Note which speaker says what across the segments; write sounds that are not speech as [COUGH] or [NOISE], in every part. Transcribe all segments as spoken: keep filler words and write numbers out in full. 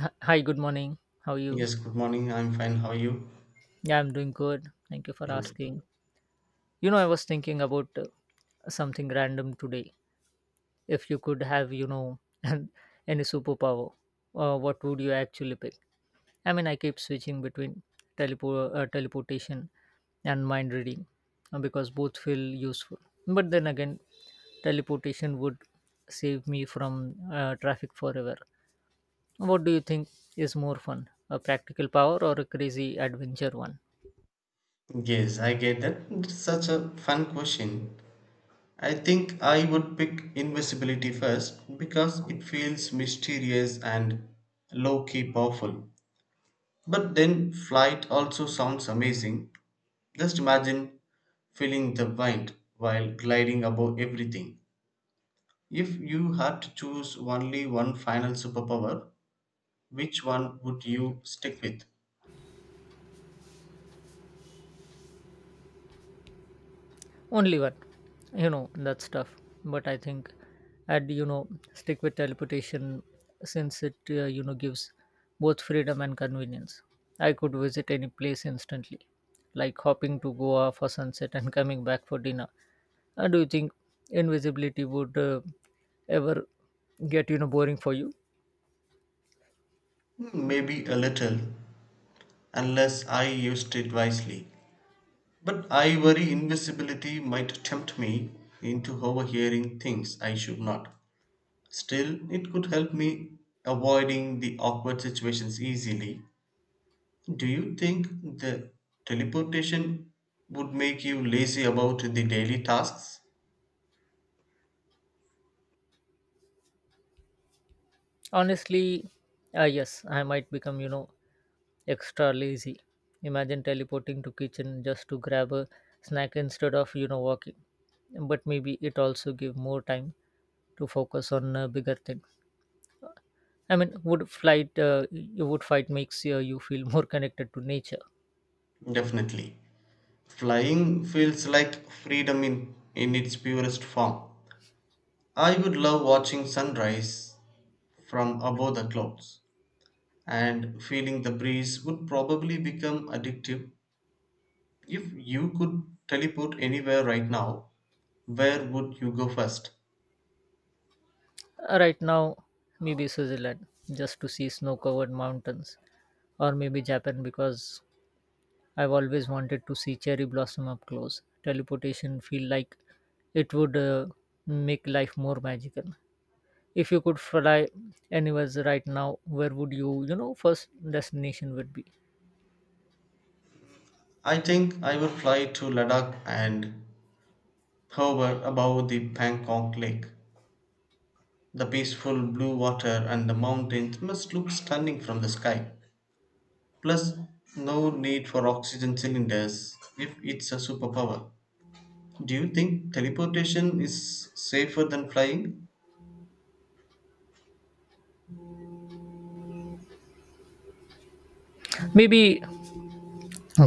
Speaker 1: Hi, hi, good morning. How are you?
Speaker 2: Yes, good morning. I'm fine. How are you?
Speaker 1: Yeah, I'm doing good. Thank you for
Speaker 2: Good.
Speaker 1: asking. You know, I was thinking about uh, something random today. If you could have, you know, [LAUGHS] an- any superpower, uh, what would you actually pick? I mean, I keep switching between telepo- uh, teleportation and mind reading uh, because both feel useful. But then again, teleportation would save me from uh, traffic forever. What do you think is more fun, a practical power or a crazy adventure one?
Speaker 2: Yes, I get that. It's such a fun question. I think I would pick invisibility first because it feels mysterious and low key powerful. But then flight also sounds amazing. Just imagine feeling the wind while gliding above everything. If you had to choose only one final superpower, which one would you stick with?
Speaker 1: Only one. You know, that's tough. But I think I'd, you know, stick with teleportation since it, uh, you know, gives both freedom and convenience. I could visit any place instantly, like hopping to Goa for sunset and coming back for dinner. Uh, do you think invisibility would uh, ever get, you know, boring for you?
Speaker 2: Hmm, Maybe a little, unless I used it wisely. But I worry invisibility might tempt me into overhearing things I should not. Still, it could help me avoiding the awkward situations easily. Do you think the teleportation would make you lazy about the daily tasks?
Speaker 1: Honestly, uh, yes, I might become, you know, extra lazy. Imagine teleporting to kitchen just to grab a snack instead of, you know, walking. But maybe it also give more time to focus on a bigger thing. I mean, would flight, uh, you would fight makes uh, you feel more connected to nature.
Speaker 2: Definitely. Flying feels like freedom in, in its purest form. I would love watching sunrise from above the clouds, and feeling the breeze would probably become addictive. If you could teleport anywhere right now, where would you go first?
Speaker 1: Uh, Right now, maybe Switzerland just to see snow-covered mountains, or maybe Japan because I've always wanted to see cherry blossom up close. Teleportation feel like it would uh, make life more magical. If you could fly anywhere right now, where would you, you know, first destination would be?
Speaker 2: I think I would fly to Ladakh and hover above the Bangkok lake. The peaceful blue water and the mountains must look stunning from the sky. Plus, no need for oxygen cylinders if it's a superpower. Do you think teleportation is safer than flying?
Speaker 1: Maybe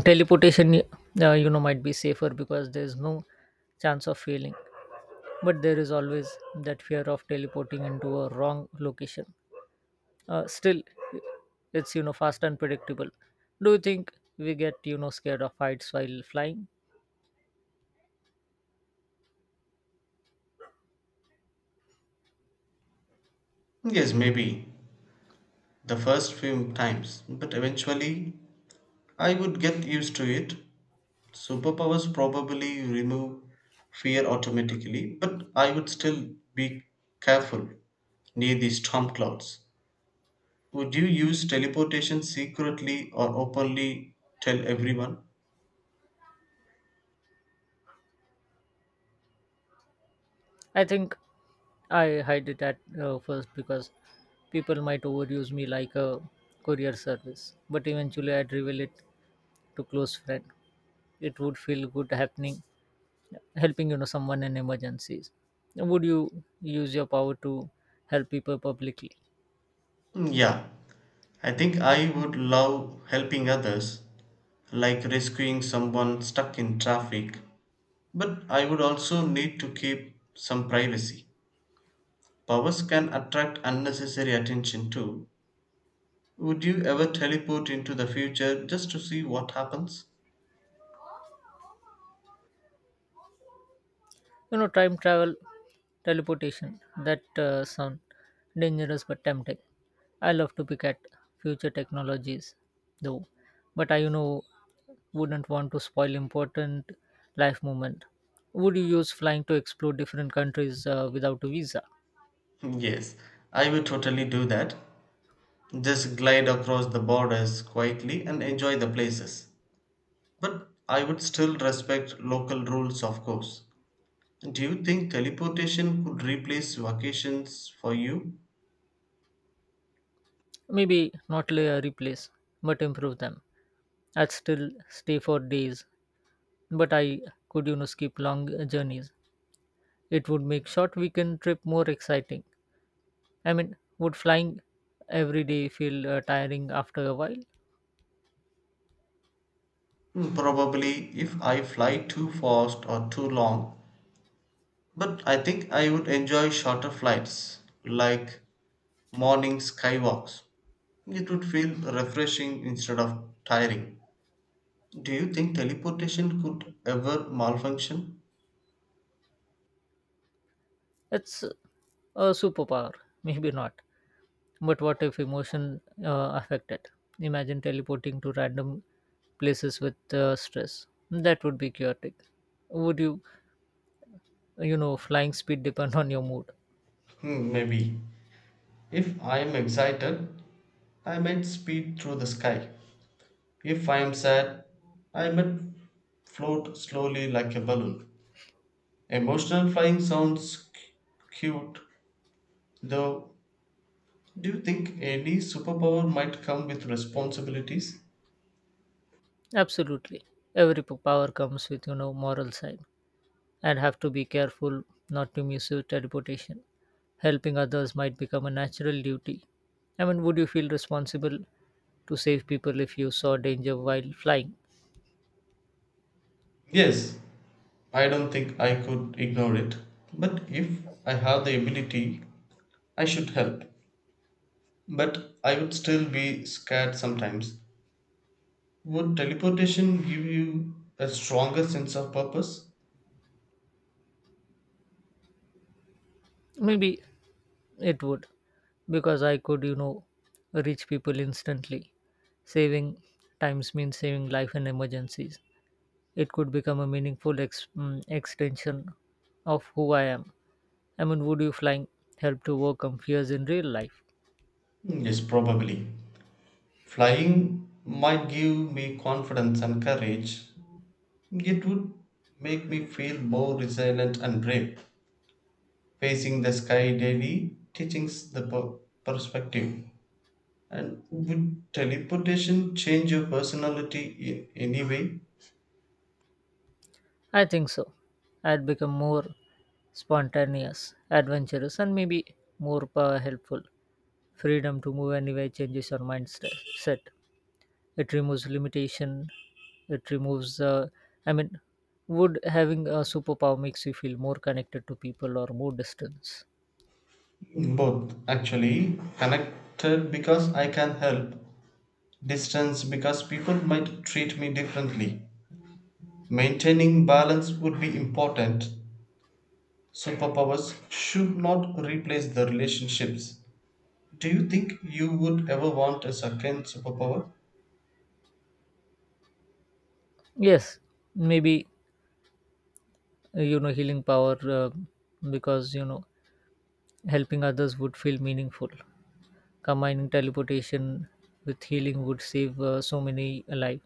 Speaker 1: teleportation, uh, you know, might be safer because there's no chance of failing. But there is always that fear of teleporting into a wrong location. Uh, still, it's you know fast and predictable. Do you think we get you know scared of heights while flying?
Speaker 2: Yes, maybe the first few times, but eventually I would get used to it. Superpowers probably remove fear automatically, but I would still be careful near the storm clouds. Would you use teleportation secretly or openly tell everyone?
Speaker 1: I think I hide it at uh, first because people might overuse me like a courier service, but eventually I'd reveal it to close friend. It would feel good happening, helping you know someone in emergencies. Would you use your power to help people publicly?
Speaker 2: Mm, yeah, I think I would love helping others, like rescuing someone stuck in traffic, but I would also need to keep some privacy. Powers can attract unnecessary attention too. Would you ever teleport into the future just to see what happens?
Speaker 1: You know, time travel, teleportation, that uh, sound dangerous but tempting. I love to pick at future technologies, though, but I, you know, wouldn't want to spoil important life moment. Would you use flying to explore different countries uh, without a visa?
Speaker 2: [LAUGHS] Yes, I would totally do that. Just glide across the borders quietly and enjoy the places. But I would still respect local rules, of course. Do you think teleportation could replace vacations for you?
Speaker 1: Maybe not lay a replace, but improve them. I'd still stay for days, but I could, you know, skip long uh, journeys. It would make short weekend trip more exciting. I mean, would flying every day feel uh, tiring after a while?
Speaker 2: Hmm, Probably if I fly too fast or too long. But I think I would enjoy shorter flights, like morning skywalks. It would feel refreshing instead of tiring. Do you think teleportation could ever malfunction?
Speaker 1: It's a superpower, maybe not. But what if emotion uh, affected? Imagine teleporting to random places with uh, stress. That would be chaotic. Would you, you know, flying speed depend on your mood?
Speaker 2: Hmm, maybe. If I am excited, I might speed through the sky. If I am sad, I might float slowly like a balloon. Emotional flying sounds c- cute, though. Do you think any superpower might come with responsibilities?
Speaker 1: Absolutely. Every p- power comes with, you know, moral side. And have to be careful not to misuse their reputation. Helping others might become a natural duty. I mean, would you feel responsible to save people if you saw danger while flying?
Speaker 2: Yes, I don't think I could ignore it, but if I have the ability, I should help. But I would still be scared sometimes. Would teleportation give you a stronger sense of purpose?
Speaker 1: Maybe it would, because I could, you know, reach people instantly. Saving times means saving life in emergencies. It could become a meaningful ex- mm, extension of who I am. I mean, would you flying help to overcome fears in real life?
Speaker 2: Yes, probably. Flying might give me confidence and courage. It would make me feel more resilient and brave. Facing the sky daily teaches the per- perspective. And would teleportation change your personality in any way?
Speaker 1: I think so. I'd become more spontaneous, adventurous, and maybe more uh, helpful. Freedom to move anywhere changes your mindset. It removes limitation. It removes. Uh, I mean, would having a superpower makes you feel more connected to people or more distance?
Speaker 2: Both, actually. Connected because I can help, distance because people might treat me differently. Maintaining balance would be important. Superpowers should not replace the relationships. Do you think you would ever want a second superpower?
Speaker 1: Yes, maybe uh, you know healing power uh, because you know helping others would feel meaningful. Combining teleportation with healing would save uh, so many lives.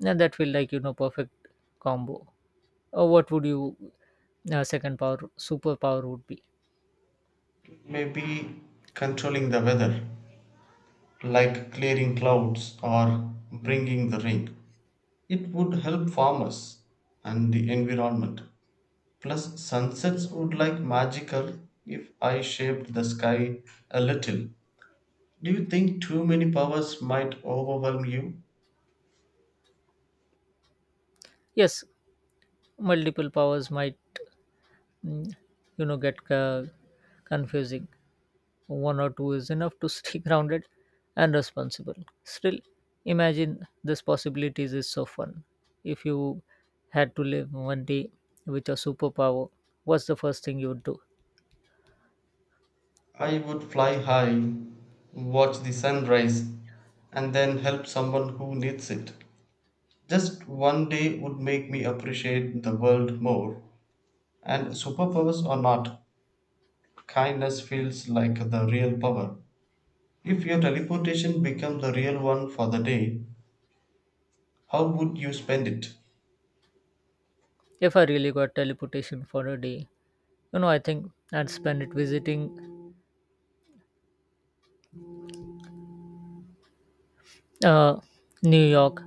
Speaker 1: Yeah, that will like you know perfect combo. Uh, what would you uh, second power superpower would be?
Speaker 2: Maybe controlling the weather, like clearing clouds or bringing the rain. It would help farmers and the environment. Plus, sunsets would like magical if I shaped the sky a little. Do you think too many powers might overwhelm you?
Speaker 1: Yes, multiple powers might mm, you know get uh, confusing. One or two is enough to stay [LAUGHS] grounded and responsible. Still, imagine this possibilities is so fun. If you had to live one day with a superpower, what's the first thing you would do?
Speaker 2: I would fly high, watch the sunrise, and then help someone who needs it. Just one day would make me appreciate the world more. And superpowers or not, kindness feels like the real power. If your teleportation became the real one for the day, how would you spend it?
Speaker 1: If I really got teleportation for a day, you know I think I'd spend it visiting uh, New York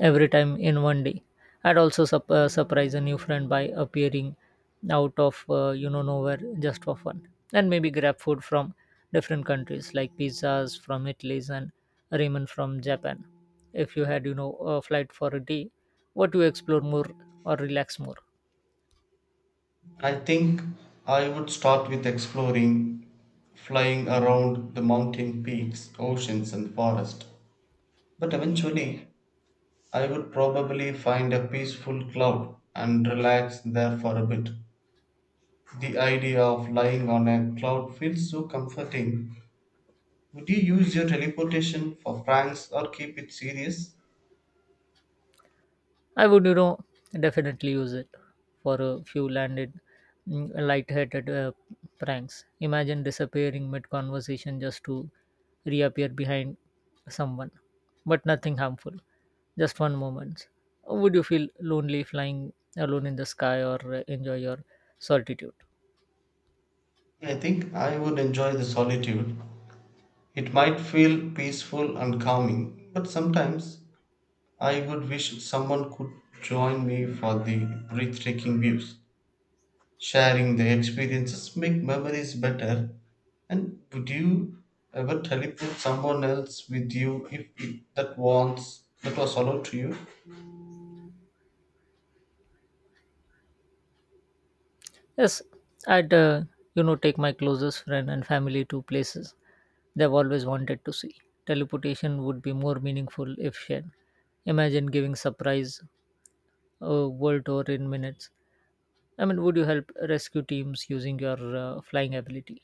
Speaker 1: every time in one day. I'd also sup- uh, surprise a new friend by appearing out of uh, you know nowhere just for fun, and maybe grab food from different countries like pizzas from Italy and ramen from Japan. If you had you know a flight for a day, what do you explore more or relax more?
Speaker 2: I think I would start with exploring, flying around the mountain peaks, oceans, and forest. But eventually, I would probably find a peaceful cloud and relax there for a bit. The idea of lying on a cloud feels so comforting. Would you use your teleportation for pranks or keep it serious?
Speaker 1: I would, you know, definitely use it for a few landed, mm, light-headed uh, pranks. Imagine disappearing mid-conversation just to reappear behind someone, but nothing harmful, just one moment. Would you feel lonely flying alone in the sky or uh, enjoy your solitude?
Speaker 2: I think I would enjoy the solitude. It might feel peaceful and calming, but sometimes I would wish someone could join me for the breathtaking views. Sharing the experiences make memories better. And would you ever teleport someone else with you if it, that wants that was allowed to you?
Speaker 1: Yes, I'd uh, you know take my closest friend and family to places they've always wanted to see. Teleportation would be more meaningful if shared. Imagine giving surprise a world tour in minutes. I mean, would you help rescue teams using your uh, flying ability?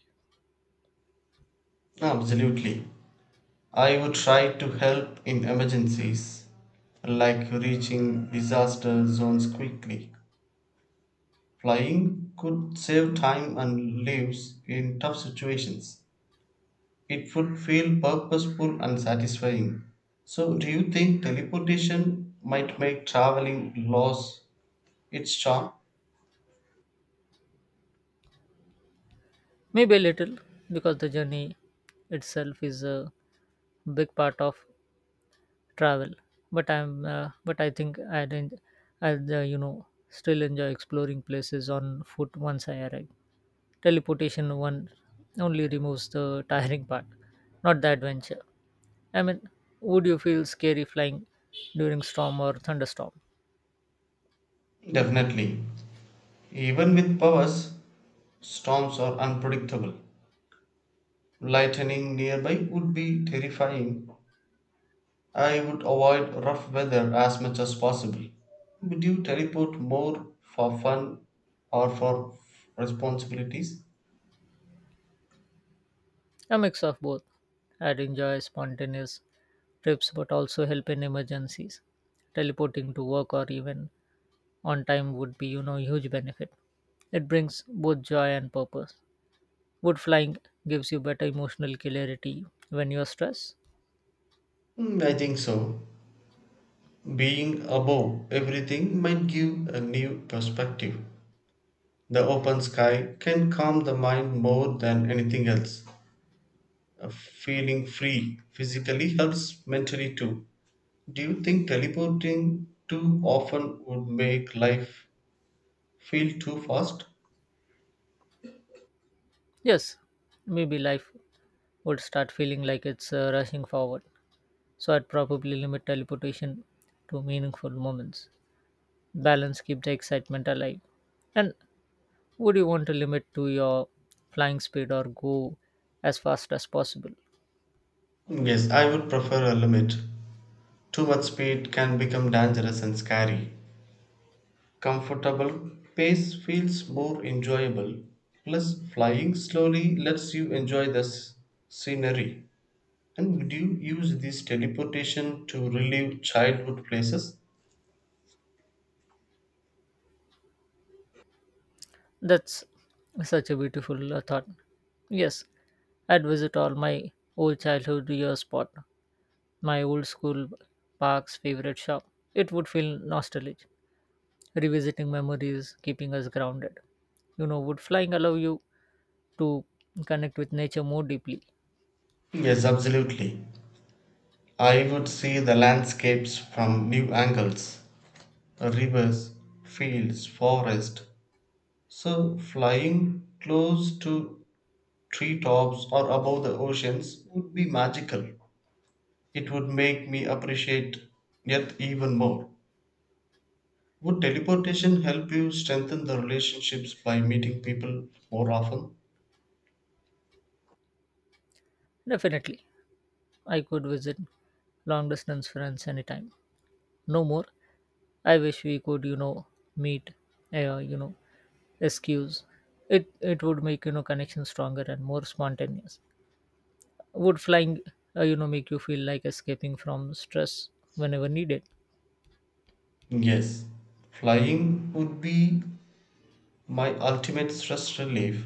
Speaker 2: Absolutely. I would try to help in emergencies, like reaching disaster zones quickly. Flying could save time and lives in tough situations. It would feel purposeful and satisfying. So, do you think teleportation might make traveling lose its charm?
Speaker 1: Maybe a little, because the journey itself is a big part of travel, but i'm uh, but I think i'd, en- I'd uh, you know still enjoy exploring places on foot once I arrive. Teleportation one only removes the [LAUGHS] tiring part, not the adventure. I mean, would you feel scary flying during storm or thunderstorm?
Speaker 2: Definitely. Even with powers, storms are unpredictable. Lightning nearby would be terrifying. I would avoid rough weather as much as possible. Would you teleport more for fun or for responsibilities?
Speaker 1: A mix of both. I'd enjoy spontaneous trips but also help in emergencies. Teleporting to work or even on time would be you know huge benefit. It brings both joy and purpose. Would flying gives you better emotional clarity when you're stressed?
Speaker 2: Mm, I think so. Being above everything might give a new perspective. The open sky can calm the mind more than anything else. Uh, Feeling free physically helps mentally too. Do you think teleporting too often would make life feel too fast?
Speaker 1: Yes, maybe life would start feeling like it's uh, rushing forward. So I'd probably limit teleportation to meaningful moments. Balance keep the excitement alive. And would you want to limit to your flying speed or go as fast as possible?
Speaker 2: Hmm, Yes, I would prefer a limit. Too much speed can become dangerous and scary. Comfortable, pace feels more enjoyable, plus, flying slowly lets you enjoy the s- scenery. And would you use this teleportation to relive childhood places?
Speaker 1: That's such a beautiful uh, thought. Yes, I'd visit all my old childhood year spot my old school park's favorite shop. It would feel nostalgic, revisiting memories, keeping us grounded. You know, would flying allow you to connect with nature more deeply?
Speaker 2: Yes, absolutely. I would see the landscapes from new angles: rivers, fields, forest. So, flying close to treetops or above the oceans would be magical. It would make me appreciate Earth even more. Would teleportation help you strengthen the relationships by meeting people more often?
Speaker 1: Definitely. I could visit long distance friends anytime. No more. I wish we could, you know, meet, uh, you know, excuse. It it would make you know connection stronger and more spontaneous. Would flying, uh, you know, make you feel like escaping from stress whenever needed?
Speaker 2: Yes. Flying would be my ultimate stress relief.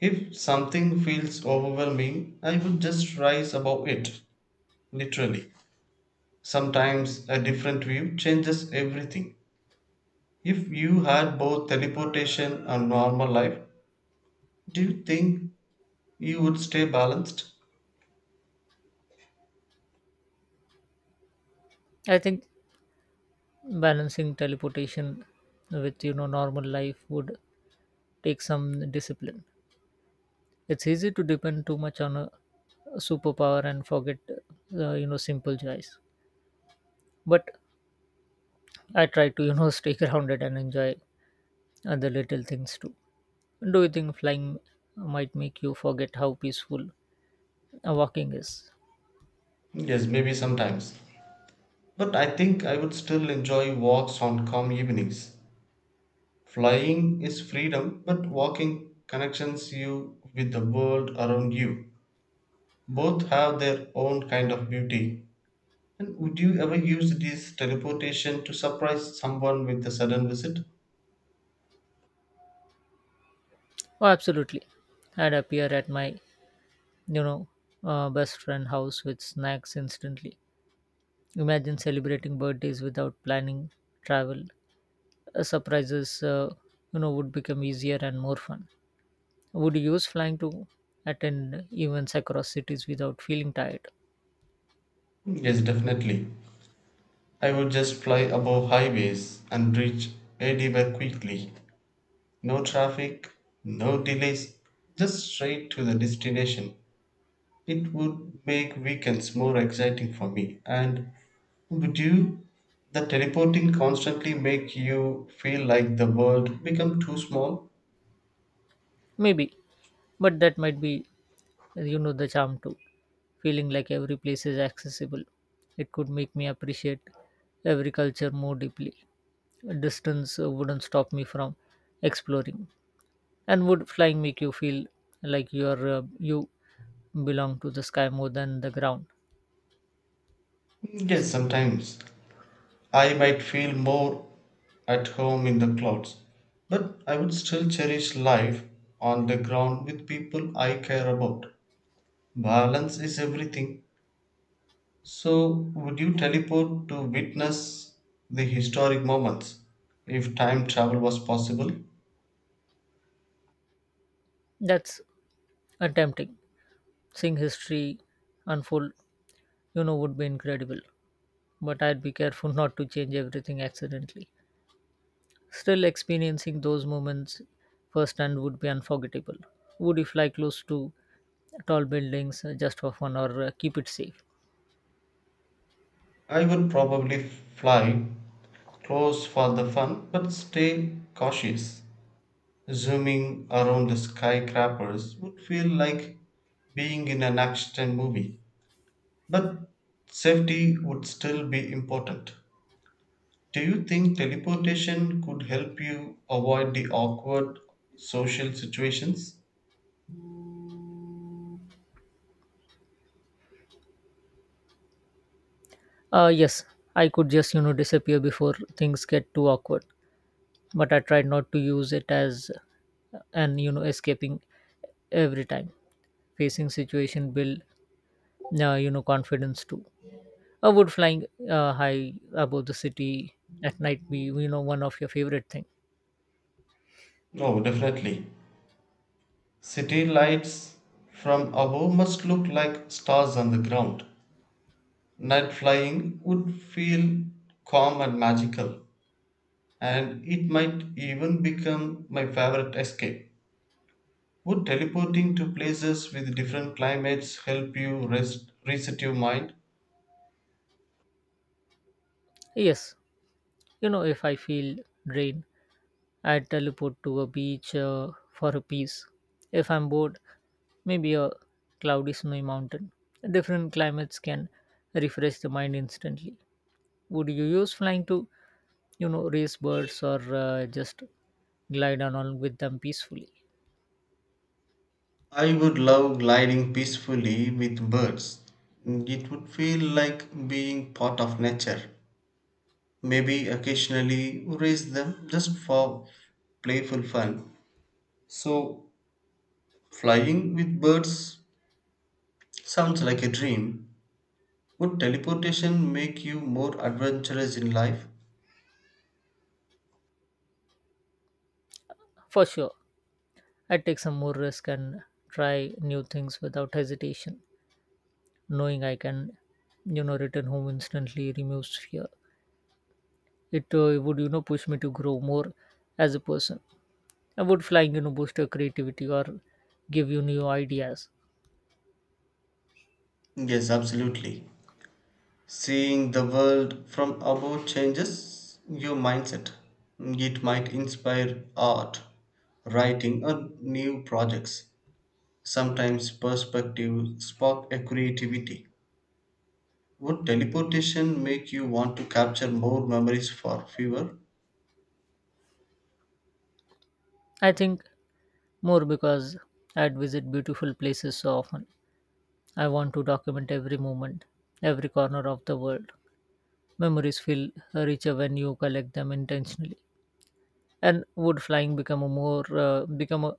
Speaker 2: If something feels overwhelming, I would just rise above it, literally. Sometimes a different view changes everything. If you had both teleportation and normal life, do you think you would stay balanced?
Speaker 1: I think balancing teleportation with you know normal life would take some discipline. It's easy to depend too much on a superpower and forget uh, you know simple joys. But I try to you know [LAUGHS] stay grounded and enjoy other little things too. Do you think flying might make you forget how peaceful uh, walking is?
Speaker 2: Yes, maybe sometimes. But I think I would still enjoy walks on calm evenings. Flying is freedom, but walking connections you with the world around you. Both have their own kind of beauty. And would you ever use this teleportation to surprise someone with a sudden visit?
Speaker 1: Oh, absolutely. I'd appear at my you know uh, best friend house with snacks instantly. Imagine celebrating birthdays without planning travel uh, surprises uh, you know would become easier and more fun. Would you use flying to attend events across cities without feeling tired?
Speaker 2: Yes, definitely. I would just fly above highways and reach anywhere quickly. No traffic, no delays, just straight to the destination. It would make weekends more exciting for me. And would you? The teleporting constantly make you feel like the world become too small?
Speaker 1: Maybe, but that might be you know the charm too, feeling like every place is accessible. It could make me appreciate every culture more deeply. Distance uh, wouldn't stop me from exploring. And would flying make you feel like you're uh, you belong to the sky more than the ground?
Speaker 2: Yes, sometimes. I might feel more at home in the clouds, but I would still cherish life on the ground with people I care about. Balance is everything. So, would you teleport to witness the historic moments if time travel was possible?
Speaker 1: That's uh, tempting. Seeing history unfold, you know, would be incredible. But I'd be careful [LAUGHS] not to change everything accidentally. Still, experiencing those moments firsthand would be unforgettable. Would you fly close to tall buildings uh, just for fun or uh, keep it safe?
Speaker 2: I would probably fly close for the fun, but stay cautious. Zooming around the skyscrapers would feel like being in an action movie, but safety would still be important. Do you think teleportation could help you avoid the awkward social situations?
Speaker 1: Uh, yes, I could just, you know, disappear before things get too awkward. But I tried not to use it as uh, an, you know, escaping every time. Facing situation build, uh, you know, confidence too. Or would flying uh, high above the city at night be, you know, one of your favorite thing?
Speaker 2: No, definitely. City lights from above must look like stars on the ground. Night flying would feel calm and magical, and it might even become my favorite escape. Would teleporting to places with different climates help you rest, reset your mind?
Speaker 1: Yes. You know, if I feel drained, I teleport to a beach uh, for a peace. If I'm bored, maybe a cloudy snowy mountain. Different climates can refresh the mind instantly. Would you use flying to, you know, race birds or uh, just glide along with them peacefully?
Speaker 2: I would love gliding peacefully with birds. It would feel like being part of nature. Maybe occasionally raise them just for playful fun. So, flying with birds sounds like a dream. Would teleportation make you more adventurous in life?
Speaker 1: For sure, I take some more risk and try new things without hesitation. Knowing I can, you know, return home instantly removes fear. It uh, would, you know, push me to grow more as a person. I would flying, you know, boost your creativity or give you new ideas.
Speaker 2: Yes, absolutely. Seeing the world from above changes your mindset. It might inspire art, writing, or new projects. Sometimes perspective spark a creativity. Would teleportation make you want to capture more memories for fewer?
Speaker 1: I think more because I'd visit beautiful places so often. I want to document every moment, every corner of the world. Memories feel richer when you collect them intentionally. And would flying become a more uh, become a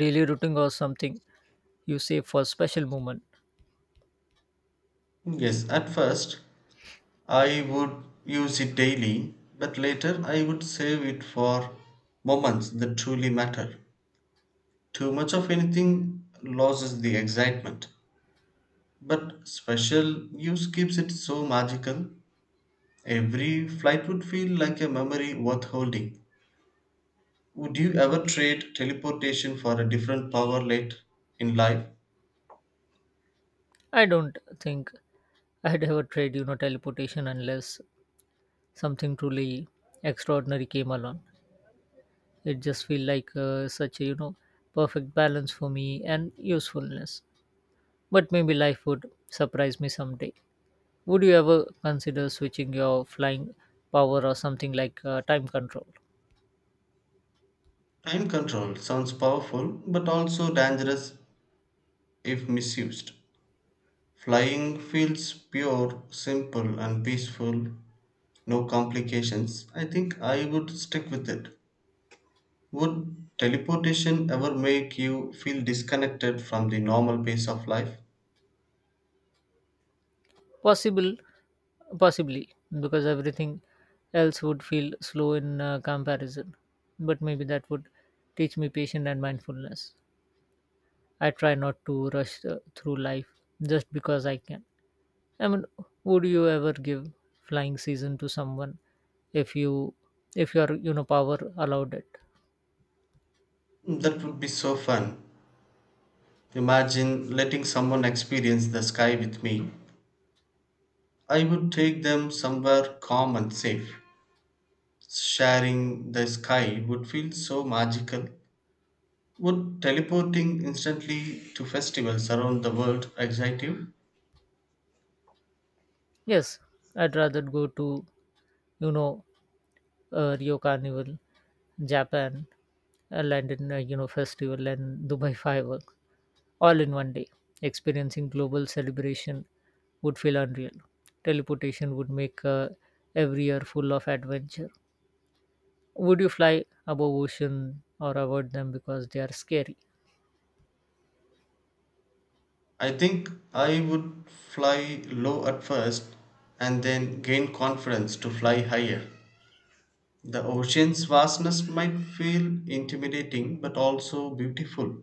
Speaker 1: daily routine or something you save for special moment?
Speaker 2: Yes, at first, I would use it daily, but later I would save it for moments that truly matter. Too much of anything loses the excitement, but special use keeps it so magical. Every flight would feel like a memory worth holding. Would you ever trade teleportation for a different power late in life?
Speaker 1: I don't think I'd ever tried, you know, teleportation unless something truly extraordinary came along. It just feel like uh, such a, you know, perfect balance for me and usefulness. But maybe life would surprise me someday. Would you ever consider switching your flying power or something like uh, time control?
Speaker 2: Time control sounds powerful but also dangerous if misused. Flying feels pure, simple, and peaceful, no complications. I think I would stick with it. Would teleportation ever make you feel disconnected from the normal pace of life?
Speaker 1: Possible, possibly, because everything else would feel slow in uh, comparison. But maybe that would teach me patience and mindfulness. I try not to rush uh, through life just because I can. I mean, would you ever give flying season to someone if you if your you know power allowed it?
Speaker 2: That would be so fun. Imagine letting someone experience the sky with me. I would take them somewhere calm and safe. Sharing the sky would feel so magical. Would teleporting instantly to festivals around the world excite you?
Speaker 1: Yes, I'd rather go to you know uh, Rio Carnival, Japan, uh, London uh, you know festival, and Dubai fireworks all in one day. Experiencing global celebration would feel unreal. Teleportation would make uh, every year full of adventure. Would you fly above ocean or avoid them because they are scary?
Speaker 2: I think I would fly low at first and then gain confidence to fly higher. The ocean's vastness might feel intimidating but also beautiful.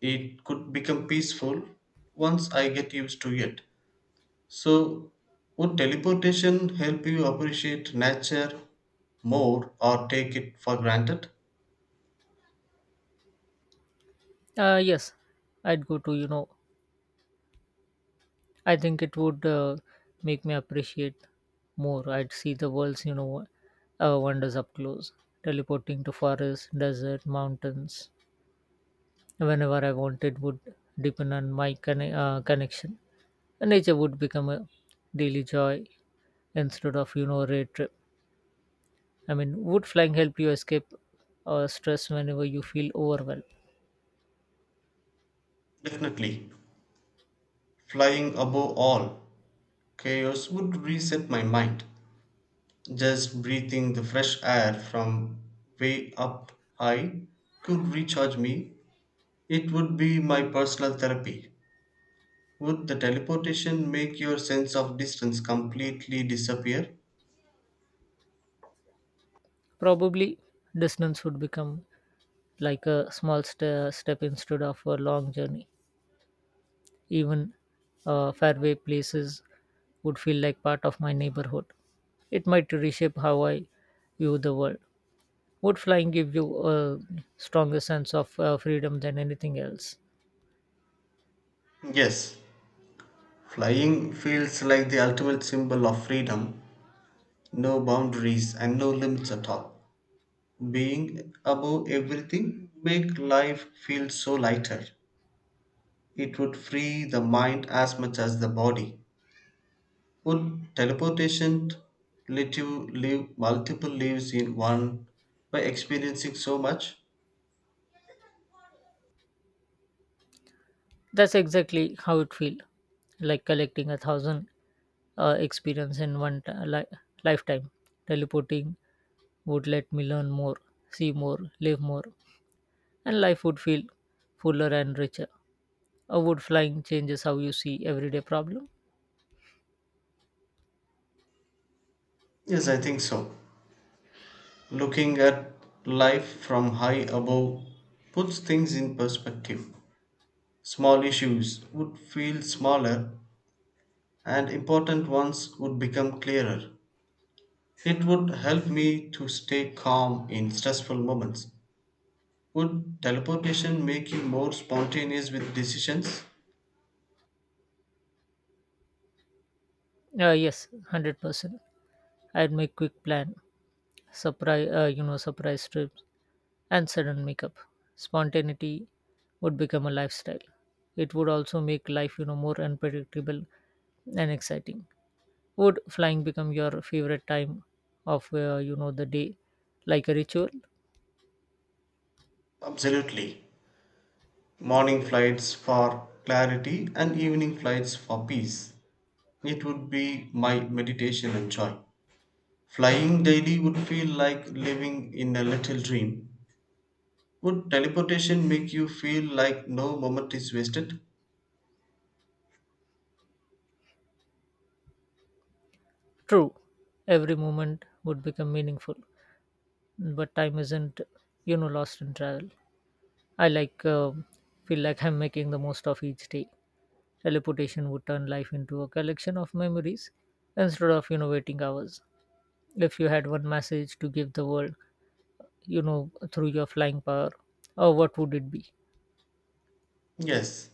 Speaker 2: It could become peaceful once I get used to it. So, would teleportation help you appreciate nature more or take it for granted?
Speaker 1: Uh, yes, I'd go to, you know, I think it would uh, make me appreciate more. I'd see the world's, you know, uh, wonders up close. Teleporting to forests, desert, mountains, whenever I wanted would depend on my conne- uh, connection. And nature would become a daily joy instead of, you know, a rare trip. I mean, would flying help you escape uh, stress whenever you feel overwhelmed?
Speaker 2: Definitely. Flying above all chaos would reset my mind. Just breathing the fresh air from way up high could recharge me. It would be my personal therapy. Would the teleportation make your sense of distance completely disappear?
Speaker 1: Probably distance would become like a small st- step instead of a long journey. Even uh, faraway places would feel like part of my neighborhood. It might reshape how I view the world. Would flying give you a stronger sense of uh, freedom than anything else?
Speaker 2: Yes, flying feels like the ultimate symbol of freedom. No boundaries and no limits at all. Being above everything make life feel so lighter. It would free the mind as much as the body. Would teleportation let you live multiple lives in one by experiencing so much?
Speaker 1: That's exactly how it feels, like collecting a thousand uh, experience in one t- li- lifetime. Teleporting would let me learn more, see more, live more. And life would feel fuller and richer. Uh, would flying changes how you see everyday problem?
Speaker 2: Yes, I think so. Looking at life from high above puts things in perspective. Small issues would feel smaller and important ones would become clearer. It would help me to stay calm in stressful moments. Would teleportation make you more spontaneous with decisions?
Speaker 1: Uh, yes, hundred percent. I'd make quick plan, surprise, uh, you know, surprise trips, and sudden makeup. Spontaneity would become a lifestyle. It would also make life, you know, more unpredictable and exciting. Would flying become your favorite time of uh, you know the day, like a ritual?
Speaker 2: Absolutely. Morning flights for clarity and evening flights for peace. It would be my meditation and joy. Flying daily would feel like living in a little dream. Would teleportation make you feel like no moment is wasted?
Speaker 1: True, every moment would become meaningful. But time isn't you know lost in travel. I like uh, feel like I'm making the most of each day. Teleportation would turn life into a collection of memories instead of you know waiting hours. If you had one message to give the world, you know through your flying power, or what would it be?
Speaker 2: Yes.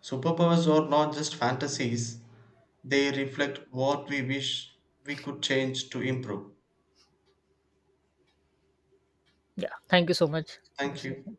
Speaker 2: Superpowers are not just fantasies, they reflect what we wish we could change to improve.
Speaker 1: Yeah, thank you so much for the
Speaker 2: Thank you.
Speaker 1: session.